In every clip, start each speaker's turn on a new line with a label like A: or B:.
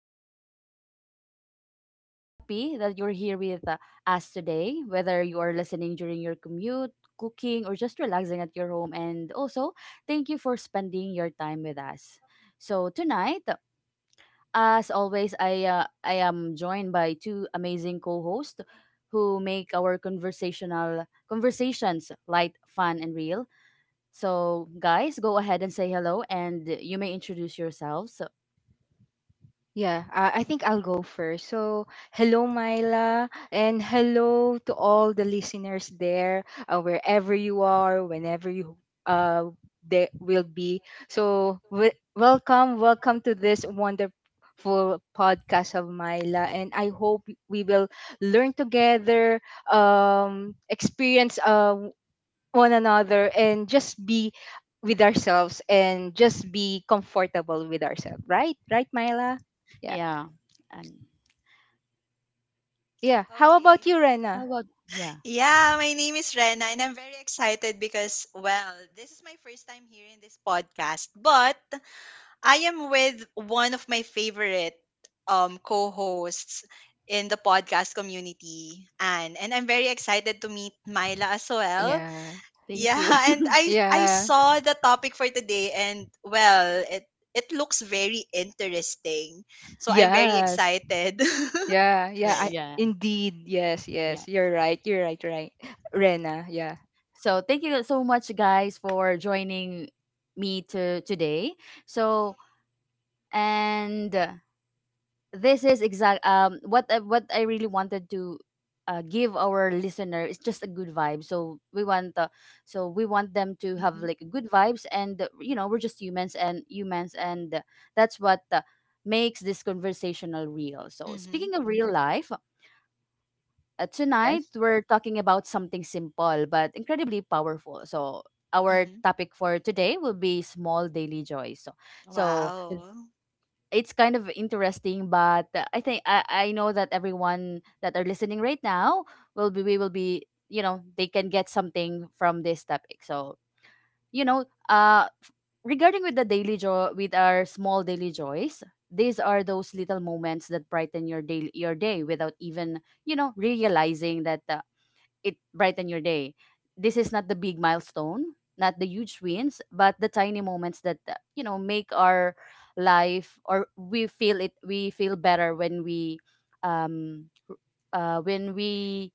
A: host for today, and I'm so happy that you're here with us today, whether you are listening during your commute, cooking, or just relaxing at your home. And also, thank you for spending your time with us. So, tonight, as always, I am joined by two amazing co hosts who make our conversational conversations light, fun, and real. So, guys, go ahead and say hello and you may introduce yourselves. So,
B: Yeah, I think I'll go first. So, hello, Myla, and hello to all the listeners there, wherever you are, whenever you uh, they will be. So, w- Welcome to this wonderful podcast of Myla, and I hope we will learn together, experience one another, and just be with ourselves and just be comfortable with ourselves. Right, right, Myla. Yeah.
A: yeah. And
B: Yeah. How
C: Okay.
B: about you,
A: how
B: Rena?
A: about, yeah,
C: Yeah, my name is Rena and I'm very excited because, well, this is my first time here in this podcast, but I am with one of my favorite co hosts in the podcast community, Anne. And I'm very excited to meet Myla as well.
B: Yeah.
A: thank you.
C: Yeah, and I
B: Yeah.
C: saw the topic for today, and, well, it looks very interesting. So I'm very
B: Yes.
C: excited.
B: Yeah. Yeah.
A: yeah,
B: I
A: yeah,
B: indeed. Yes.
A: yeah.
B: Yes. You're right. You're right. Right. Rena. Yeah.
A: So, thank you so much, guys, for joining me to today. So, and this is what I really wanted to give our listener is just a good vibe. So we want them to have
C: hmm
A: like good vibes and you know, we're just humans, and that's what makes this conversational real. So, speaking
C: hmm
A: of real life, tonight
B: Yes.
A: we're talking about something simple but incredibly powerful. So our
C: hmm
A: topic for today will be small daily joys. So
C: Wow.
A: it's kind of interesting, but I know that everyone that are listening right now will be we will be you know, they can get something from this topic. So, you know, regarding with the daily joy with our small daily joys, these are those little moments that brighten your day without even, you know, realizing that. It brighten your day. This is not the big milestone, not the huge wins, but the tiny moments that, you know, make our life or we feel it. We feel better when um, uh, when we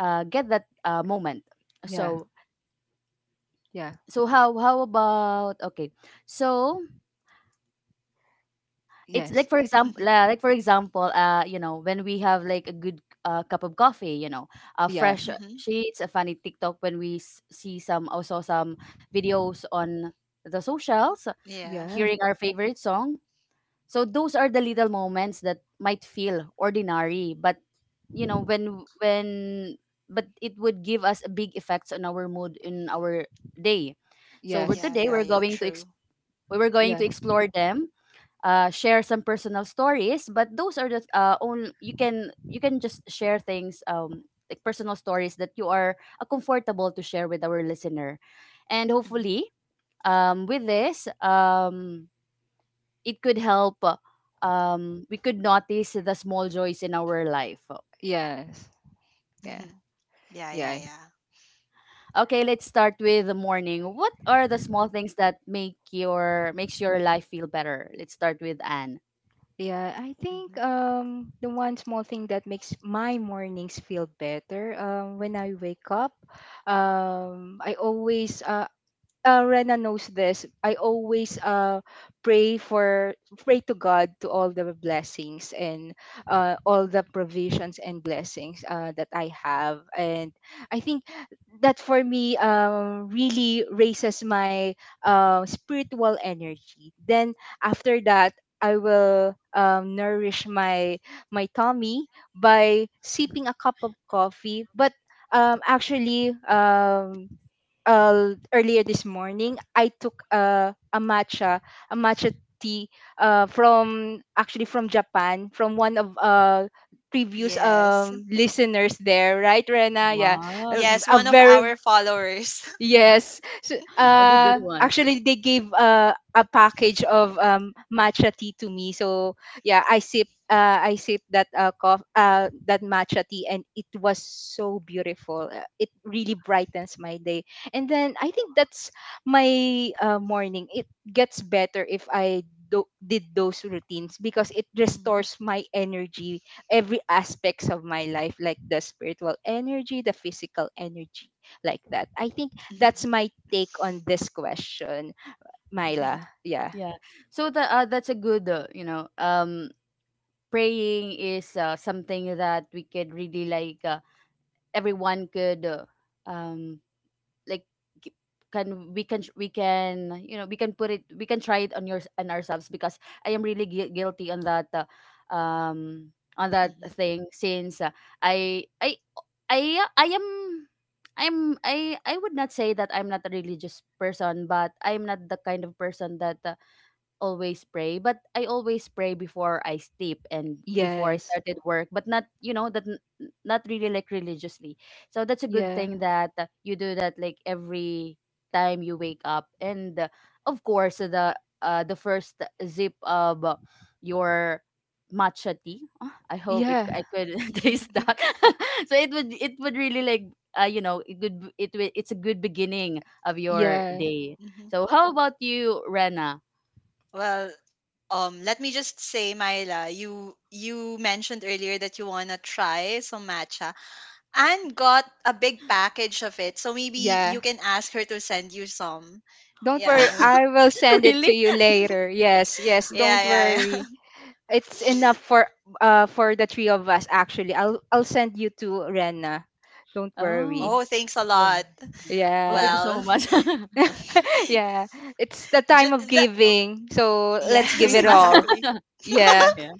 A: uh, get that moment.
B: Yeah.
A: So
B: Yeah.
A: so how about okay? So it's
B: Yes.
A: like, for example,
C: Mhm,
A: like for example you know, when we have like a good cup of coffee, you know,
B: Yeah.
A: fresh
C: mhm.
A: sheets, a funny TikTok when we see some, also some videos on the socials,
C: Yeah.
B: Yeah.
A: hearing our favorite song. So those are the little moments that might feel ordinary, but you know, when but it would give us a big effects on our mood in our day. So we're
B: Yes.
C: Yeah,
A: today we're
C: yeah, yeah,
A: going to ex-
C: true.
A: we were going
B: Yeah.
A: to explore them, share some personal stories, but those are the only you can, you can just share things, like personal stories that you are comfortable to share with our listener. And
C: Mhm,
A: hopefully, with this, it could help, we could notice the small joys in our life.
B: Yes. Yeah.
C: mhm. Yeah, yeah,
B: Yeah.
C: yeah.
A: Okay, let's start with the morning. What are the small things that makes your life feel better? Let's start with Anne.
B: Yeah, I think
C: hmm
B: the one small thing that makes my mornings feel better when I wake up I always Rena knows this. I always pray for pray to God to all the blessings and, all the provisions and blessings that I have, and I think that for me, really raises my spiritual energy. Then after that, I will, nourish my tummy by sipping a cup of coffee, but, actually earlier this morning, I took a matcha, a matcha tea, from Japan, from one of previous
C: Yes.
B: listeners there, right, Rena? Yeah, a,
A: Wow.
C: Yes,
B: a
C: one of
B: very
C: our followers.
B: Yes. So,
A: That's a good one.
B: actually, they gave, a package of, matcha tea to me. So yeah, I sip that, that matcha tea, and it was so beautiful. It really brightens my day. And then I think that's my, morning. It gets better if I did those routines because it
C: Mhm,
B: restores my energy, every aspects of my life, like the spiritual energy, the physical energy like that. I think that's
C: mhm,
B: my take on this question, Myla. Yeah.
A: Yeah. So that, that's a good, you know, praying is something that we could really like, everyone could, um like g- can we, can we, can you know, we can put it, we can try it on your on ourselves, because I am really guilty on that, on that
C: mhm,
A: thing. Since, I I I I am I'm I would not say that I'm not a religious person, but I'm not the kind of person that always pray, but I always pray before I sleep and before I
B: Yes.
A: started work, but not, you know, not really like religiously. So that's a good
B: Yeah.
A: thing that you do that like every time you wake up. And of course, the first zip of your matcha tea. Ah, I hope it,
B: Yeah.
A: I could taste that.
C: mhm,
A: So it would, it would really like, you know, it would it would, it's a good beginning of your
B: Yeah.
A: day.
C: mhm.
A: So how about you, Rena?
C: Well, let me just say, Myla, you mentioned earlier that you wanna try some matcha and got a big package of it. So maybe you
B: Yeah.
C: can ask her to send you some.
B: Don't
C: Yeah.
B: worry,
A: Wow.
B: I will send it to
A: Really?
B: you later. Yes. Yes.
C: Yeah,
B: Don't
C: yeah, yeah.
B: worry. It's enough for the three of us, actually. I'll send you to Rena. Don't
A: Oh,
B: worry.
C: Oh, thanks a
A: well,
C: lot.
A: mm, well, thank
B: Yeah.
A: you
C: Well,
A: so much.
B: yeah. It's the time
C: Ju-
B: of
C: that, oh,
B: giving. So let's
A: It's
C: yes,
B: give it
A: Christmas.
B: all.
C: exactly.
B: Yeah.
A: Yeah.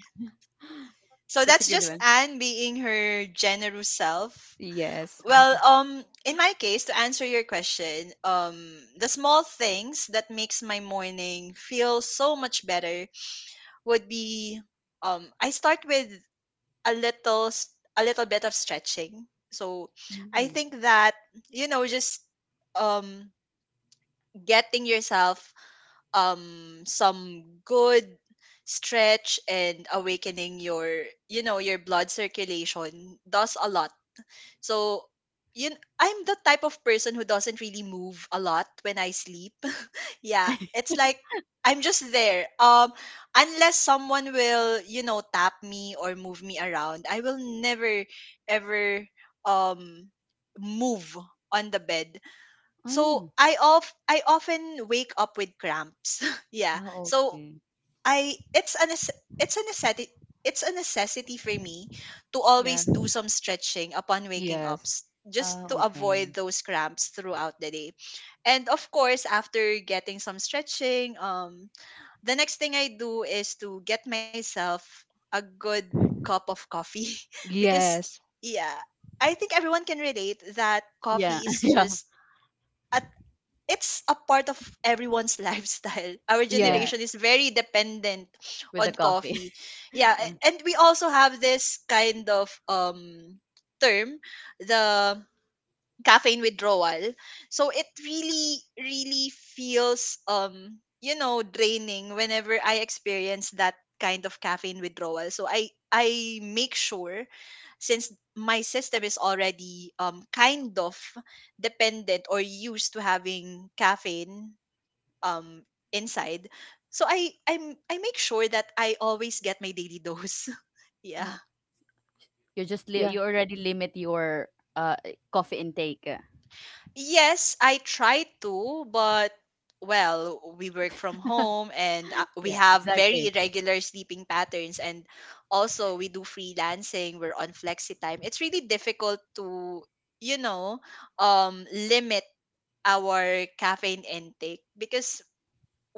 C: So
A: That's a
C: that's
A: good
C: just
A: one.
C: Anne being her generous self.
B: Yes.
C: Well, in my case, to answer your question, the small things that makes my morning feel so much better would be, I start with a little, s- a little bit of stretching. So, I
A: Mhm.
C: think that, you know, just um, getting yourself um some good stretch and awakening your, you know, your blood circulation does a lot. So I'm the type of person who doesn't really move a lot when I sleep. Yeah, it's like I'm just there, unless someone will, you know, tap me or move me around. I will never ever, um move on the bed. So
A: Oh.
C: I often wake up with cramps. Yeah.
A: Ah,
C: So
A: okay.
C: I it's a necessity, it's a necessity, for me to always
B: Yeah.
C: do some stretching upon waking up,
B: Yes.
C: just to
A: Oh,
C: avoid
A: okay.
C: those cramps throughout the day. And of course, after getting some stretching, the next thing I do is to get myself a good cup of coffee, because
B: Yes.
C: yeah, I think everyone can relate that
A: Yeah,
C: coffee is
A: yeah,
C: just, it's a part of everyone's lifestyle. Our
B: Yeah.
A: yeah.
C: generation is very dependent
A: With the
C: on
A: coffee.
C: coffee. Yeah,
A: Yeah.
C: and we also have this kind of term, the caffeine withdrawal. So it really really feels, um, you know, draining whenever I experience that kind of caffeine withdrawal. So I make sure, since my system is already, um, kind of dependent or used to having caffeine, um, inside, so I make sure that I always get my daily dose. Yeah,
A: Oh, you just li
B: Yeah.
A: you already limit your coffee intake.
C: yes, I try to, but well, we work from home and we
A: Yeah,
C: have very
A: exactly.
C: irregular sleeping patterns, and also we do freelancing, we're on flexi time, it's really difficult to, you know, um limit our caffeine intake because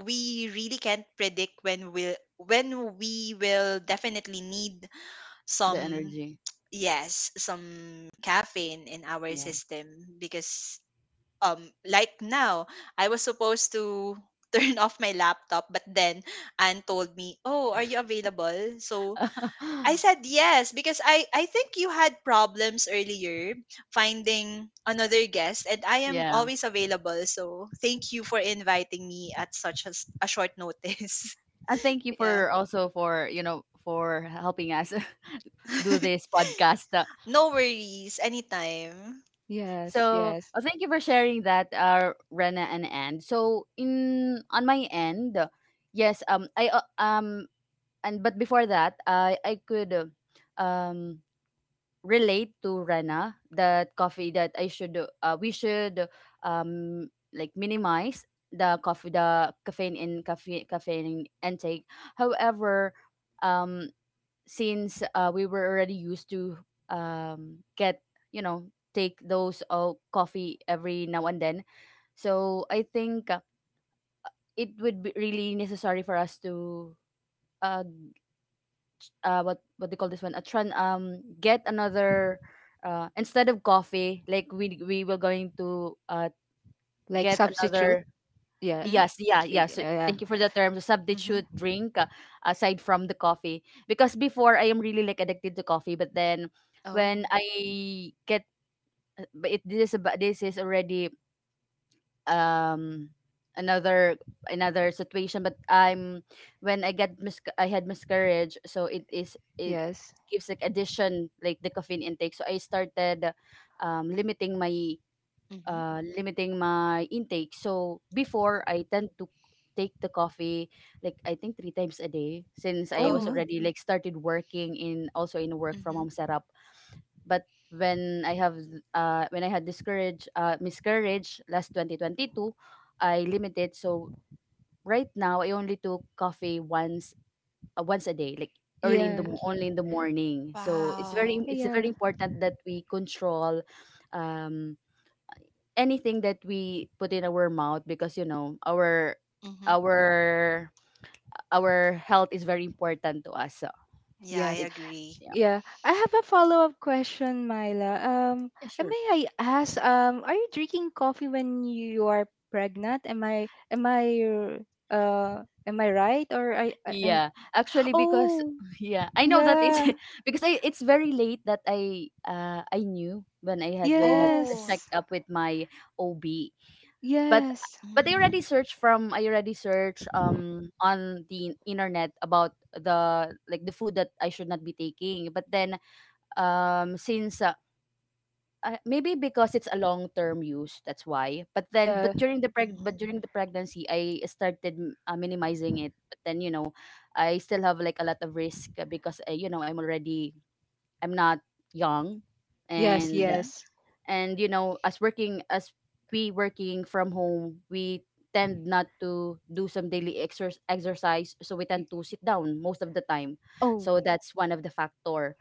C: we really can't predict when we will, when we will definitely need
A: The
C: some,
A: energy.
C: yes, some caffeine in our
A: Yeah.
C: system because, like now I was supposed to turn off my laptop, but then Anne told me, "Oh, are you available?" So I said yes because I think you had problems earlier finding another guest, and I am
A: Yeah.
C: always available, so thank you for inviting me at such a short notice.
A: And thank you
B: y-
C: Yeah.
A: for also, for, you know, for helping us do this podcast.
C: No worries, anytime.
B: Yes,
A: So,
B: yes.
A: well, thank you for sharing that, Rena and Anne. So, in on my end, yes, I and but before that, I could, um, relate to Rena that coffee, that I should, we should, like, minimize the coffee, the caffeine, in caffeine caffeine intake. However, um, since we were already used to get, you know, take those coffee every now and then, so I think it would be really necessary for us to uh, what they call this one, a get another, instead of coffee, like we were going to
B: Like
A: get
B: substitute.
A: another.
B: Yeah.
C: Mhm.
A: Yes, yeah. So
B: Yeah.
A: thank you for the term. The
C: Mhm.
A: substitute drink, aside from the coffee. Because before I am really like addicted to coffee, but then when
C: Oh.
A: I get, but it, this is about, this is already, um another, another situation, but I'm, when I I had miscarriage, so it is, it
B: Yes.
A: gives like addition, like the caffeine intake, so I started limiting my,
C: Mhm.
A: limiting my intake. So before I tend to take the coffee like, I think, three times a day, since I
B: Oh
A: was
B: no.
C: Oh.
A: already like started working in, also in a work from
C: Mhm.
A: home setup. But when I have, when I had discourage, miscarriage last 2022, I limited. So right now I only took coffee once a day, like early in the
B: Yeah.
A: only in the morning. So it's very,
C: Wow.
A: it's very
B: Yeah.
A: important that we control um anything that we put in our mouth, because, you know,
C: Mhm.
A: our our health is very important to us. So
C: Yeah, I
B: Yes.
A: it,
C: agree.
A: yeah,
B: Yeah, I have a follow-up question, Myla.
A: yeah, sure,
B: May I ask, are you drinking coffee when you are pregnant? Am I right? Or I am.
A: yeah, actually. Because
B: Oh,
A: yeah, I know that it's
B: yeah.
A: because I, it's very late that I, knew when I had, when I had a
C: Oh.
B: Yes.
A: checkup with my OB. but
B: Yes.
A: but I already
C: Mhm.
A: searched from, I already searched on the internet about the, like the food that I should not be taking, but then, since uh, maybe because it's a long-term use, that's why. But then,
B: Yeah.
A: but during the
C: Mhm.
A: but during the pregnancy, I started minimizing it. But then, you know, I still have like a lot of risk, because, you know, I'm already, I'm not young,
B: Yes,
A: and
C: Mhm.
B: yes.
A: you know, as working as, we working from home, we tend not to do some daily exercise, so we
B: Y-
A: tend to sit down most of the time.
B: Oh.
A: So that's one of the factor.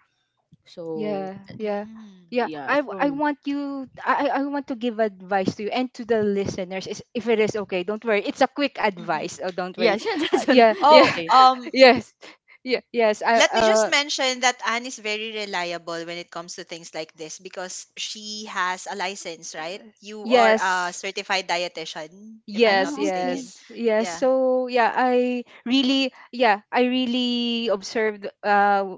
A: So,
B: Yeah, yeah,
C: Mhm.
B: yeah.
A: yeah,
B: I w- I
A: so
B: want you. I want to give advice to you and to the listeners. Is if it is okay, don't worry. It's a quick
C: Mhm.
B: advice. Oh, don't
A: yeah,
B: worry. Uh,
A: that's
B: yeah,
A: that's
B: yeah,
C: Oh,
A: okay.
C: um,
B: yes, yeah, yes. I
C: let me just mention that Anne is very reliable when it comes to things like this because she has a license, right? You are a
B: yes.
C: certified dietitian, if I'm not
A: Ah,
B: Yes,
A: okay.
C: mistaken.
B: yes, yes.
C: Yeah.
B: So yeah, yeah, I really observed. Uh,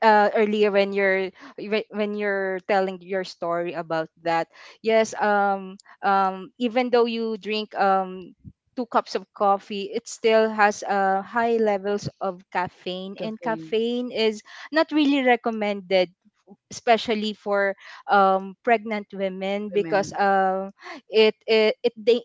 B: uh, Earlier when when you're telling your story about that, yes, even though you drink, two cups of coffee, it still has, high levels of caffeine, and
A: Caffeine,
B: caffeine is not really recommended, especially for, pregnant women, because,
A: women,
B: it,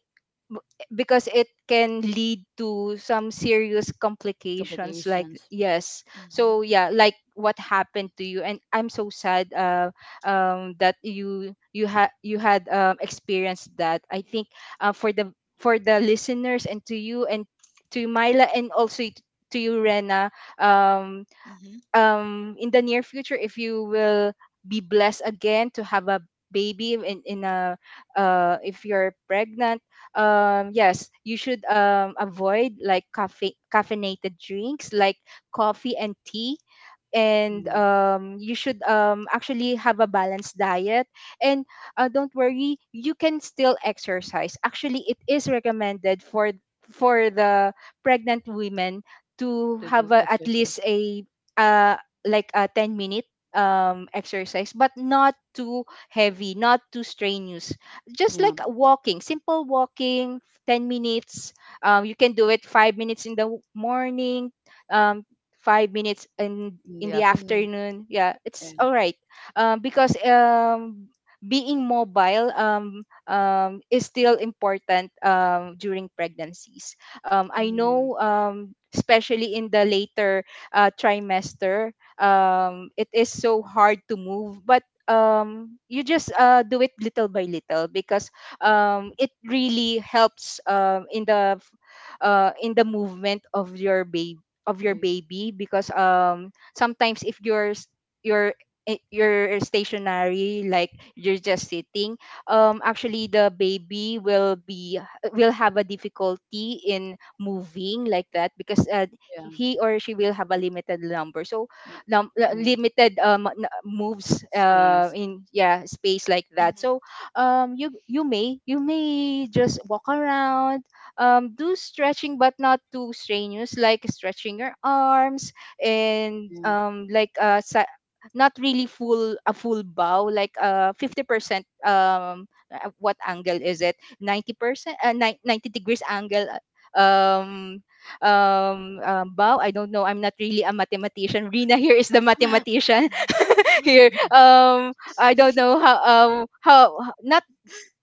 B: b- because it can lead to some serious complications like.
A: complications.
B: Yes,
C: Mm-hmm.
B: so yeah, like what happened to you, and I'm so sad, that you you had experienced that. I think, uh, for the for the listeners and to you and to Myla, and also to you Rena, um,
C: Mm-hmm.
B: in the near future, if you will be blessed again to have a baby in a if you're pregnant, yes, you should, avoid like cafe caffeinated drinks like coffee and tea, and,
A: Yeah,
B: you should, actually have a balanced diet, and, don't worry, you can still exercise. Actually, it is recommended for the pregnant women to
A: to do
B: have a, at
A: exercise.
B: least a, uh, like a 10 minute, exercise, but not too heavy, not too strenuous, just
A: Yeah,
B: like walking, simple walking 10 minutes. You can do it 5 minutes in the morning, um, 5 minutes
A: in
B: in
A: the
B: the
A: afternoon.
B: afternoon. Yeah, it's
A: And
B: all right. Because, being mobile, is still important, during pregnancies.
A: I
B: I
A: know,
B: know, especially in the later, trimester, it is so hard to move, but, you just, do it little by little, because, it really helps, in the, in the movement of your baby, because, sometimes if you're you're stationary, like you're just sitting, actually the baby will have a difficulty in moving like that, because,
A: yeah,
B: he or she will have a limited number, so
A: um,
B: limited moves uh
A: space.
B: in yeah space like that.
C: Mm-hmm.
B: So, you you may, just walk around, do stretching, but not too strenuous, like stretching your arms and,
A: Yeah,
B: not really full, a full bow, like, 50%, what angle is it, 90%, 90 degrees angle, uh, um bow. I don't know, I'm not really a mathematician. Rina here is the mathematician. here I don't know how, not,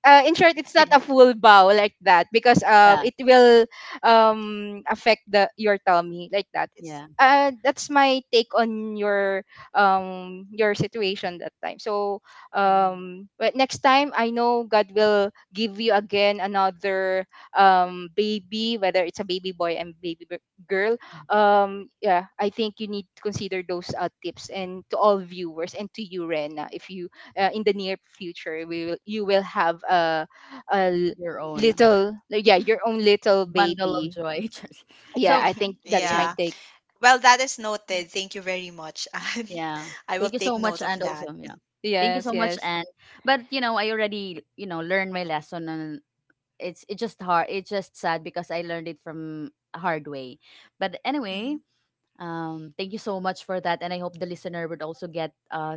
B: in short, it's not
A: like
B: a full bow like that, because,
A: that.
B: it will, affect the your tummy like that. It's
A: Yeah,
B: that's my take on your, your situation that time. So,
A: yeah.
B: but next time, I know God will give you again another, baby, whether it's a baby boy and girl. Yeah, I think you need to consider those, tips, and to all viewers and to you Rena, if you, in the near future, we will you will have a, a l-
A: Your own
B: little, yeah, your own little
A: bundle of
B: baby.
A: joy. Just-
B: Yeah,
A: so,
B: I
C: Mm-hmm.
B: think that's my
A: yeah,
C: Yeah.
B: take.
C: Well, that is noted. Thank you very much, Anne.
A: yeah.
C: I will
A: Thank you
C: take
A: so much,
C: note of
A: and
C: that.
A: also, yeah. Thank you
B: Yes,
A: so much,
B: yes.
A: and, but you know, I already, you know, learned my lesson on, it's just hard, it's just sad, because I learned it from a hard way. But anyway,
C: Mm-hmm.
A: thank you so much for that, and I hope the listener would also get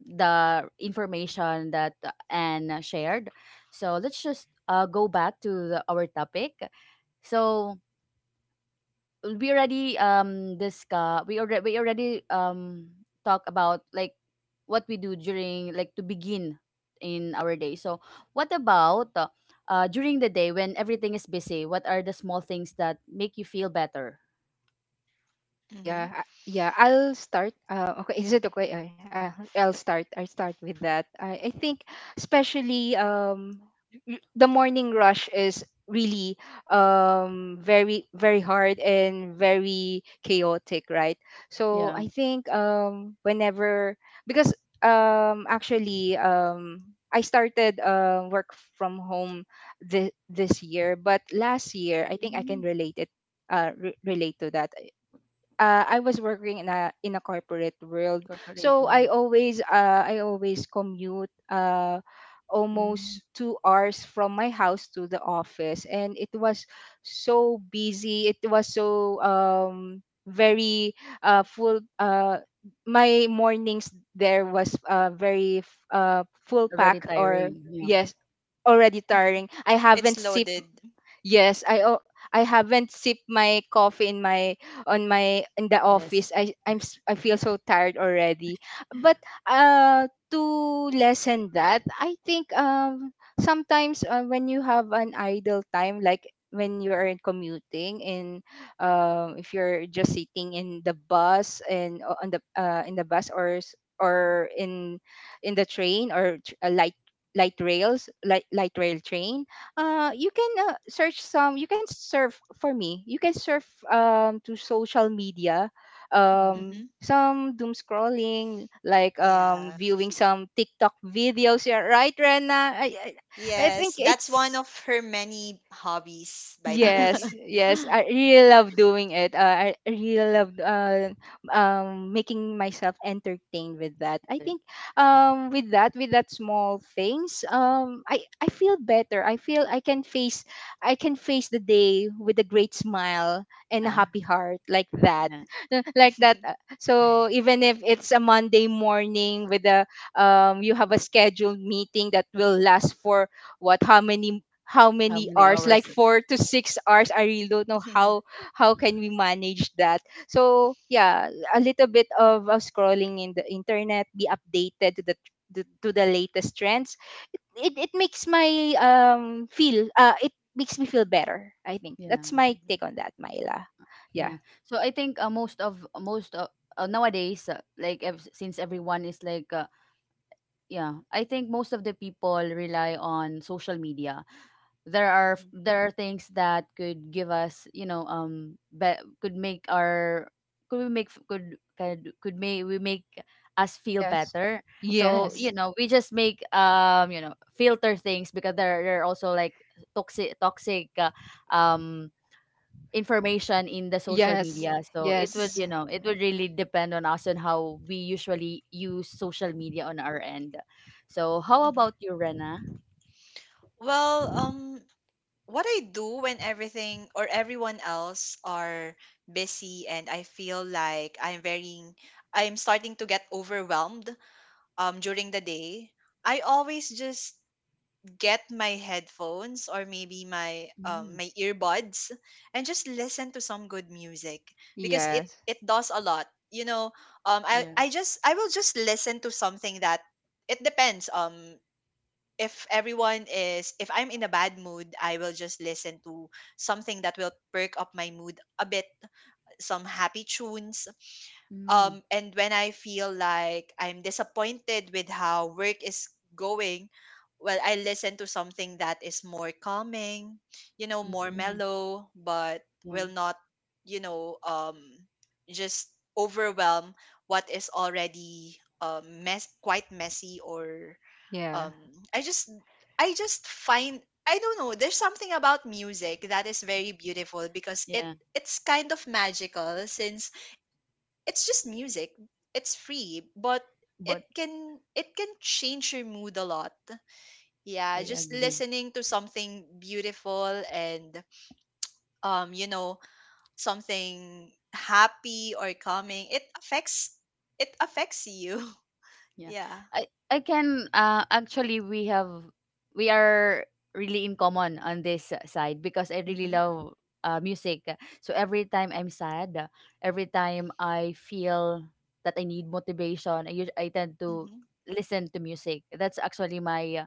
A: the information that Anne shared. So let's just go back to the, our topic. So we already discuss, we already talk about like what we do during like to begin in our day. So what about, during the day when everything is busy, what are the small things that make you feel better?
C: Mm-hmm.
B: Yeah, I'll start. Okay, is it okay? I'll start. I start with that. I think, especially, the morning rush is really, very very hard and very chaotic, right? So
A: Yeah,
B: I think, whenever, because, actually I started, work from home this this year, but last year I think I can
A: mm,
B: relate relate to that. I was working in a corporate world,
A: corporate
B: so I
A: world,
B: always, I always commute,
A: mm,
B: almost 2 hours from my house to the office, and it was so busy. It was so very, full. My mornings there was, very full
A: already
B: pack or
A: tiring, yeah,
B: yes, already
C: Mm-hmm.
B: tiring. I haven't
C: It's
B: sip
C: loaded.
B: Yes, I haven't sipped my coffee in my on my in the
A: yes,
B: office. I feel so tired already. But to lessen that, I think, sometimes, when you have an idle time, like when you are commuting, and, if you're just sitting in the bus, on the, in the bus or s- or in the train, or a light, light rails light light rail train, you can, search some you can surf for me you can surf, to social media,
A: mm.
C: Mm-hmm.
B: some doom scrolling like,
C: Yeah.
B: viewing some TikTok videos. Yeah, right, Rena? I
C: Yes,
B: think
C: that's one
B: it's,
C: of her many hobbies, by the way.
B: yes, yes, I really love doing it. I really love, making myself entertained with that. I think, with that small things, I feel better. I can face, I can face the day with a great smile and a
A: Ah,
B: happy heart like that,
A: yeah,
B: like that. So even if it's a Monday morning with a, you have a scheduled meeting that will last for what how many, how
A: how
B: many
A: many
B: hours,
A: hours,
B: like 4 to 6 hours. I really don't know how can we manage that. So yeah, a little bit of scrolling in the internet, be updated to the, to the latest trends. It makes my, feel, it makes me feel better. I think
A: yeah.
B: that's my
C: Mhm,
B: take on that, Myla. Yeah,
A: Yeah. So I think, most of nowadays, since everyone is like, yeah, I think most of the people rely on social media. There are
C: mhm,
A: there are things that could give us, you know, could make our, could we make f- could may we make us feel
B: yes,
A: better. So
C: mhm,
A: you
B: yes,
A: know, we just make, you know, filter things, because there are also like toxic um information in the social
B: yes,
A: media. So it would,
B: yes,
A: you
C: mhm,
A: know, it would really depend on us and how we usually use social media on our end. So how
C: mhm.
A: about you, Rena?
C: Well, what I do when everything or everyone else are busy and I feel like I'm starting to get overwhelmed, during the day, I always just get my headphones or maybe my,
A: Mm,
C: my earbuds and just listen to some good music because
B: yes,
C: it does a lot. You know, I
A: yeah.
C: I just I will just listen to something that, it depends. If everyone is if I'm in a bad mood, I will just listen to something that will perk up my mood a bit, some happy tunes.
A: Mm,
C: Um, and when I feel like I'm disappointed with how work is going, well, I listen to something that is more calming, you know, more
A: mm,
C: mellow, but
A: yeah,
C: will not, you know, just overwhelm what is already, mess quite messy, or,
B: yeah,
C: um, i just I just find, I don't know, there's something about music that is very beautiful because
A: yeah.
C: it's kind of magical. Since it's just music, it's free, but
A: But
C: it can change your mood a lot. Yeah,
A: I
C: just
A: agree.
C: listening to something beautiful and, um, you know, something happy or calming, it affects you.
A: Yeah.
C: Yeah.
A: I can, actually we have, we are really in common on this side, because I really
C: Mm-hmm,
A: love, music. So every time I'm sad, every time I feel that I need motivation, I tend to listen to music. That's actually my uh,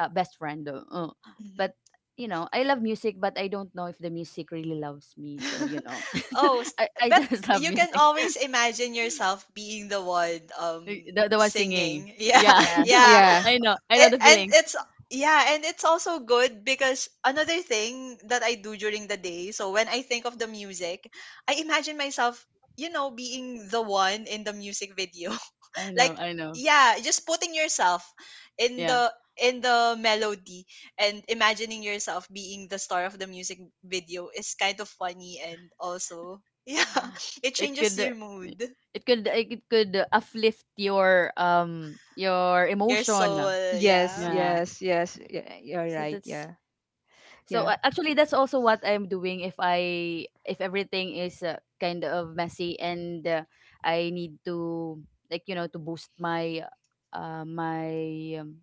A: uh, best friend.
C: hmm.
A: But you know, I love music, but I don't know if the music really loves me. So
C: Oh,
A: I
C: but
A: just love
C: you can
A: music.
C: always imagine yourself being the one,
A: Y- The the one singing.
C: singing. Yeah,
A: Yeah.
B: yeah,
C: yeah.
B: yeah,
A: I know. I know
C: It,
A: the
C: and
A: feeling.
C: it's yeah, and it's also good because another thing that I do during the day, so when I think of the music, I imagine myself, you know, being the one in the music video,
A: I know.
C: like,
A: I know.
C: yeah, just putting yourself in
A: Yeah.
C: the in the melody and imagining yourself being the star of the music video is kind of funny, and also, yeah, it
A: It
C: changes
A: could
C: your mood,
A: it could uplift your
C: your
A: emotion.
C: soul.
B: yes,
C: Yeah.
A: Yeah.
B: yes, yes, yeah, you're
A: So
B: right,
A: that's
B: yeah.
A: so
B: Yeah.
A: actually that's also what I'm doing if everything is kind of messy and I need to, like, you know, to boost my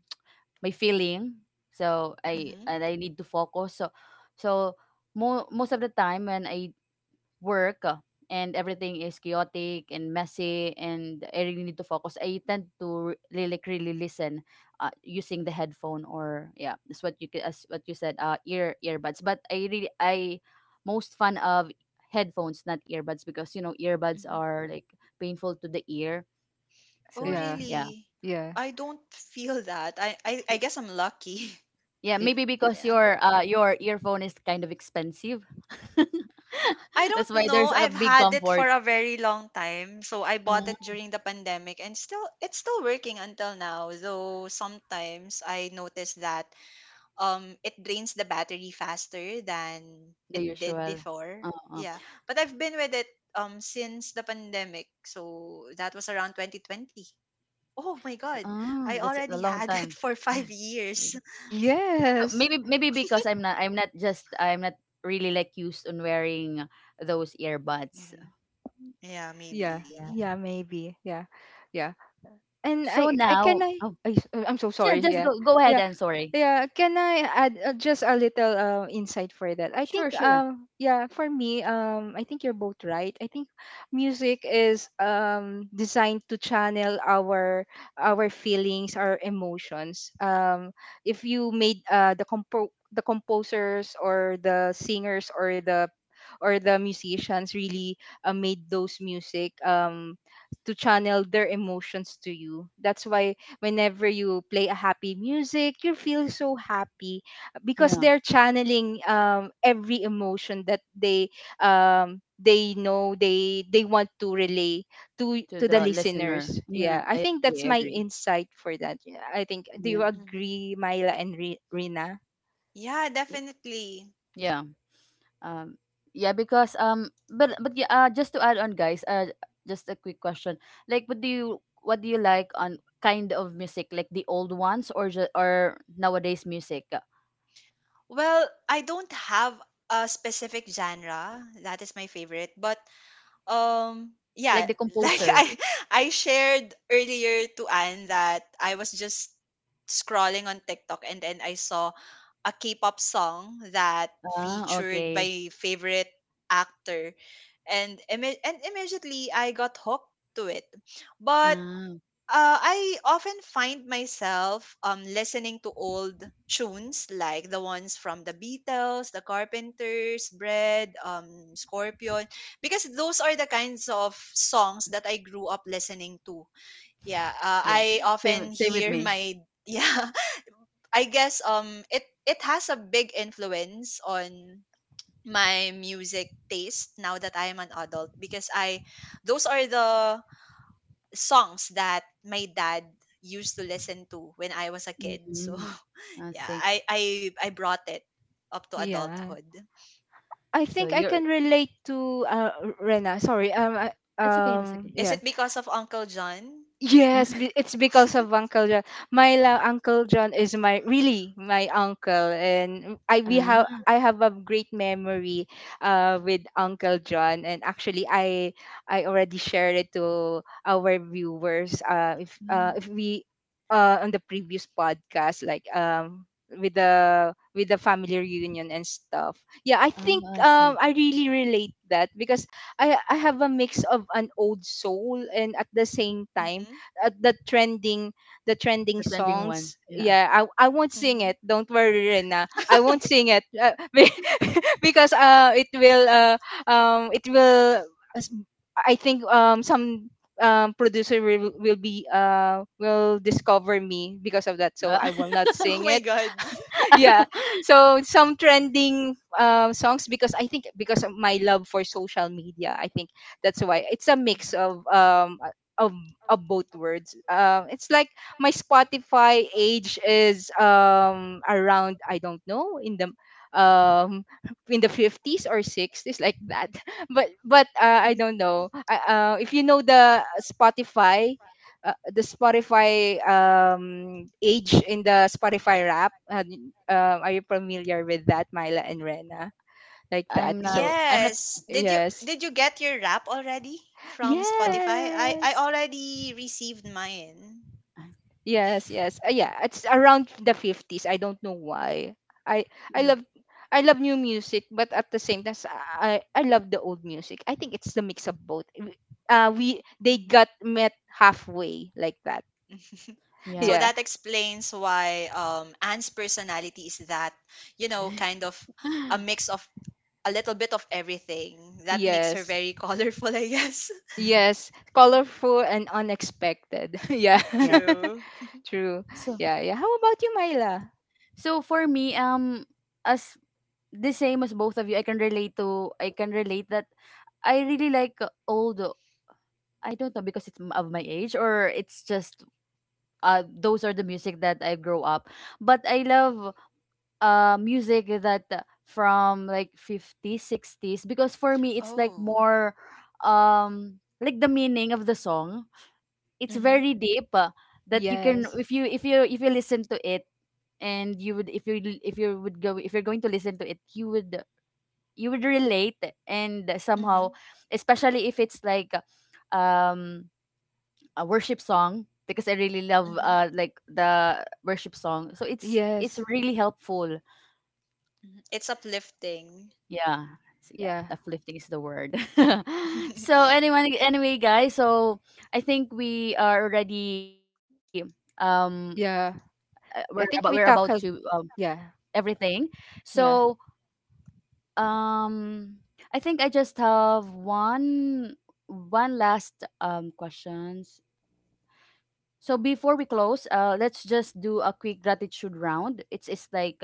A: my feeling. So
B: Yeah,
A: I
C: Mm-hmm,
A: and I need to focus. So most of the time when I work and everything is chaotic and messy and I really need to focus, I tend to really, like, really listen using the headphone or yeah, that's what you as what you said earbuds. But I most fan of headphones, not earbuds, because you know earbuds
C: mm-hmm.
A: are like painful to the ear.
C: Oh
A: So
B: yeah,
A: yeah.
C: really?
B: yeah.
C: I don't feel that I guess I'm lucky.
A: Yeah,
B: Y-
A: maybe because
C: Yeah,
A: your earphone is kind of expensive.
C: I
A: That's
C: don't
A: why
C: know.
A: there's a
C: I've
A: big
C: had it
A: comfort.
C: for a very long time. So I bought it
A: Uh,
C: during the pandemic, and still it's still working until now. Though sometimes I notice that, um, it drains the battery faster than
A: the
C: it did
A: usual.
C: before.
A: Uh,
C: Yeah. But I've been with it, um, since the pandemic. So that was around 2020. Oh my god.
A: so,
C: I
A: oh,
C: already
A: that's
C: had
A: a
C: it
A: long
C: for
A: time.
C: 5 years.
A: Right. So
B: yes.
A: maybe because I'm not really like used on wearing those earbuds.
C: Mhm. Yeah,
B: Yeah,
C: maybe.
A: Yeah.
B: yeah, maybe. Yeah, yeah. And
A: So
B: I can
A: now,
B: I.
A: oh,
B: I I'm so
A: so yeah,
B: sorry.
A: just
B: Yeah,
A: go ahead.
B: yeah.
A: I'm sorry.
B: Yeah, can I add, just a little, insight for that? I
A: Sure,
B: think,
A: sure.
B: yeah, for me, I think you're both right. I think music is, designed to channel our feelings, our emotions. If you made, the composers or the singers or the musicians really, made those music, to channel their emotions to you. That's why whenever you play a happy music you feel so happy, because
A: Yeah,
B: they're channeling, every emotion that they, they know they want to relay
A: to
B: to the
A: the
B: listeners.
A: listener. Yeah,
B: Yeah, I
A: I
B: think that's
A: agree. I
B: my
C: Hmm.
A: agree.
B: insight for that. Yeah, I think, do
A: Yeah,
B: you
C: Hmm.
B: agree, Myla and Rina?
C: Yeah,
A: y-
C: definitely.
A: yeah. Um, yeah, because but yeah, just to add on, guys, just a quick question. Like, what do you like on kind of music, like the old ones or or nowadays music?
C: Well, I don't have a specific genre that is my favorite, but, um, yeah,
A: Like the
C: like
A: composer?
C: I shared earlier to Anne that I was just scrolling on TikTok, and then I saw a K-pop song that
A: Ah,
C: featured
A: okay.
C: my favorite actor, and immediately I got hooked to it. But,
A: Ah,
C: I often find myself, um, listening to old tunes like the ones from the Beatles, the Carpenters, Bread, um, Scorpion, because those are the kinds of songs that I grew up listening to. Yeah,
A: yeah.
C: I
A: Same,
C: often
A: same with
C: hear
A: me.
C: my, yeah, I guess, um, it has a big influence on my music taste now that I am an adult, because I those are the songs that my dad used to listen to when I was a kid. So
A: mm I
C: yeah,
A: see.
C: I I brought it up to
B: Yeah,
C: adulthood.
B: I
A: So
B: think I
A: you're.
B: can relate to, Rena, sorry,
A: It's okay. It's okay.
C: Is
B: yeah.
C: it because of Uncle John?
B: Yes, it's because of Uncle John. Uncle John is my really my uncle, and I we have,
A: Ah,
B: I have a great memory, with Uncle John. And actually, I already shared it to our viewers,
A: ah,
B: if we, on the previous podcast, like, with the family reunion and stuff. Yeah, I
A: ah,
B: think,
A: I see.
B: I really relate that because I have a mix of an old soul, and at the same time,
C: Mhm.
B: uh, the trending the trending
A: The trending one.
B: songs.
A: Yeah.
B: Yeah, I won't sing
C: Mhm.
B: it. Don't worry, Rena. I won't sing it, because it will, as- I think, some, producer will be will discover me because of that. So
A: Uh,
B: I will not
C: Oh
B: sing
C: my
B: it.
C: god.
B: Yeah, so some trending, songs, because I think, because of my love for social media, I think that's why it's a
C: Mhm.
B: mix of, of, of both words. It's like my Spotify age is, around, I don't know, in the, um in the 50s or 60s like that, but I don't know, if you know the Spotify, the Spotify, age in the Spotify rap. Are you familiar with that, Myla and Rena? Like that.
A: I'm not.
B: So
A: I'm not.
C: Yes.
B: yes,
C: Did you get your rap already from
A: Oh,
C: Spotify? I
B: yes,
C: already received mine.
A: I-
B: yes, yes. Yeah, it's around 50s. I don't know why. I I
A: yeah.
B: love. I love new music, but at the same time, I love the old music. I think it's the mix of both. We, they
C: Mhm.
B: got met halfway like that.
A: Yeah.
C: So
B: Yeah.
C: that explains why, um, Anne's personality is that, you know, kind of a mix of a little bit of everything. That makes her
B: Yes.
C: very colorful, I guess.
B: Yes, colorful and unexpected. Yeah,
A: Yeah.
C: True.
B: true.
A: So
B: Yeah, yeah. How about you, Myla?
A: so for me, as the same as both of you, I can relate to. I can relate that I really like old. I don't know because it's of my age or it's just those are the music that I grow up. But I love music that from like 50s, 60s, because for me it's like
C: Oh.
A: more like the meaning of the song, it's
C: Mhm.
A: very deep, that you can,
B: Yes,
A: if you listen to it, and you would, if you're going to listen to it, you would, you would relate, and somehow,
C: Mhm.
A: especially if it's like um a worship song, because I really love,
C: Mhm.
A: like the worship song, so it's
B: yes,
A: really helpful.
C: Mhm. It's uplifting.
A: Yeah, so yeah,
B: yeah,
A: uplifting is the word. So anyway, anyway, guys, so I think we are already um
B: yeah.
A: we're about, we're
B: I
A: about
B: think we
A: to
B: tackled. Yeah,
A: everything. So
B: yeah.
A: um, I think I just have one last questions. So before we close, let's just do a quick gratitude round. It's like,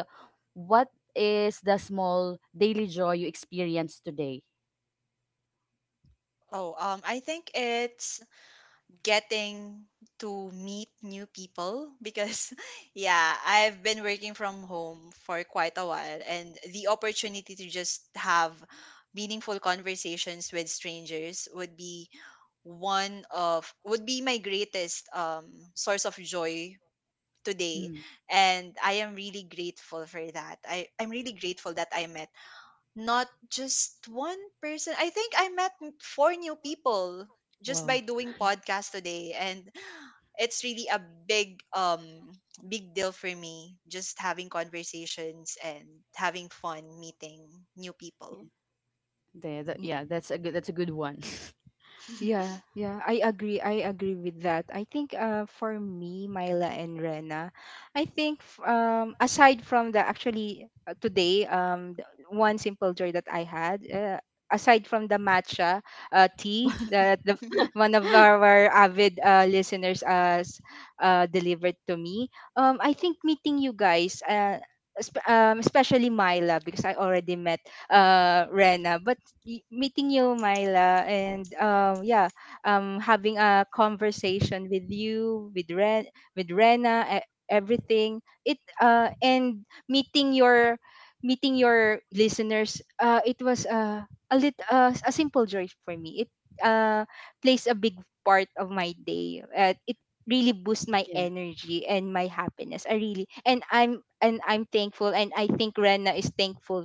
A: what is the small daily joy you experience today?
C: Oh, um, I think it's getting to meet new people, because yeah, I've been working from home for quite a while, and the opportunity to just have meaningful conversations with strangers would be one of would be my greatest, um, source of joy today.
A: Mm,
C: And I am really grateful for that. I'm really grateful that I met, not just one person, I think I met four new people just
A: wow,
C: by doing podcast today, and it's really a big, big deal for me, just having conversations and having fun meeting new
A: yeah,
C: people.
A: yeah, that's a good, that's a good one.
B: Yeah, yeah, I agree. I agree with that. I think, for me, Myla and Rena, I think, aside from the, actually, today, one simple joy that I had, aside from the matcha, tea that the one of our avid, listeners has, delivered to me. I think meeting you guys, especially Myla, because I already met, Rena. But, meeting you, Myla, and, yeah, having a conversation with you, with with Rena, everything. It, and meeting your, meeting your listeners. It was, a simple joy for me. It uh, plays a big part of my day. It really boosts my
A: Yeah.
B: energy and my happiness. I'm thankful, and I think Rena is thankful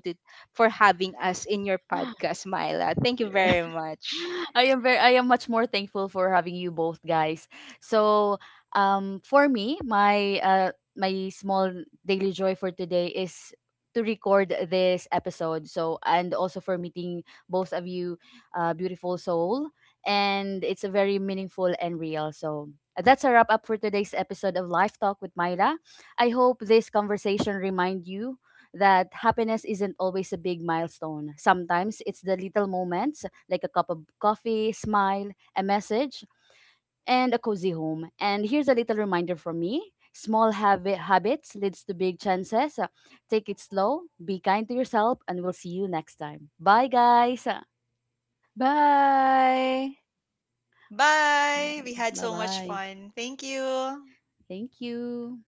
B: for having us in your podcast, Myla. Thank you
A: Yeah.
B: very much.
A: I am much more thankful for having you both guys. So for me, my my small daily joy for today is to record this episode. So and also for meeting both of you beautiful soul, and it's a very meaningful and real. So that's a wrap up for today's episode of Life Talk with Myla. I hope this conversation remind you that happiness isn't always a big milestone. Sometimes it's the little moments, like a cup of coffee, smile, a message, and a cozy home. And here's a little reminder from me. Small habits leads to big chances. Take it slow, be kind to yourself, and we'll see you next time. Bye, guys.
B: Bye.
C: Bye, we had
A: Bye,
C: so much
A: bye.
C: fun, thank you.
A: Thank you.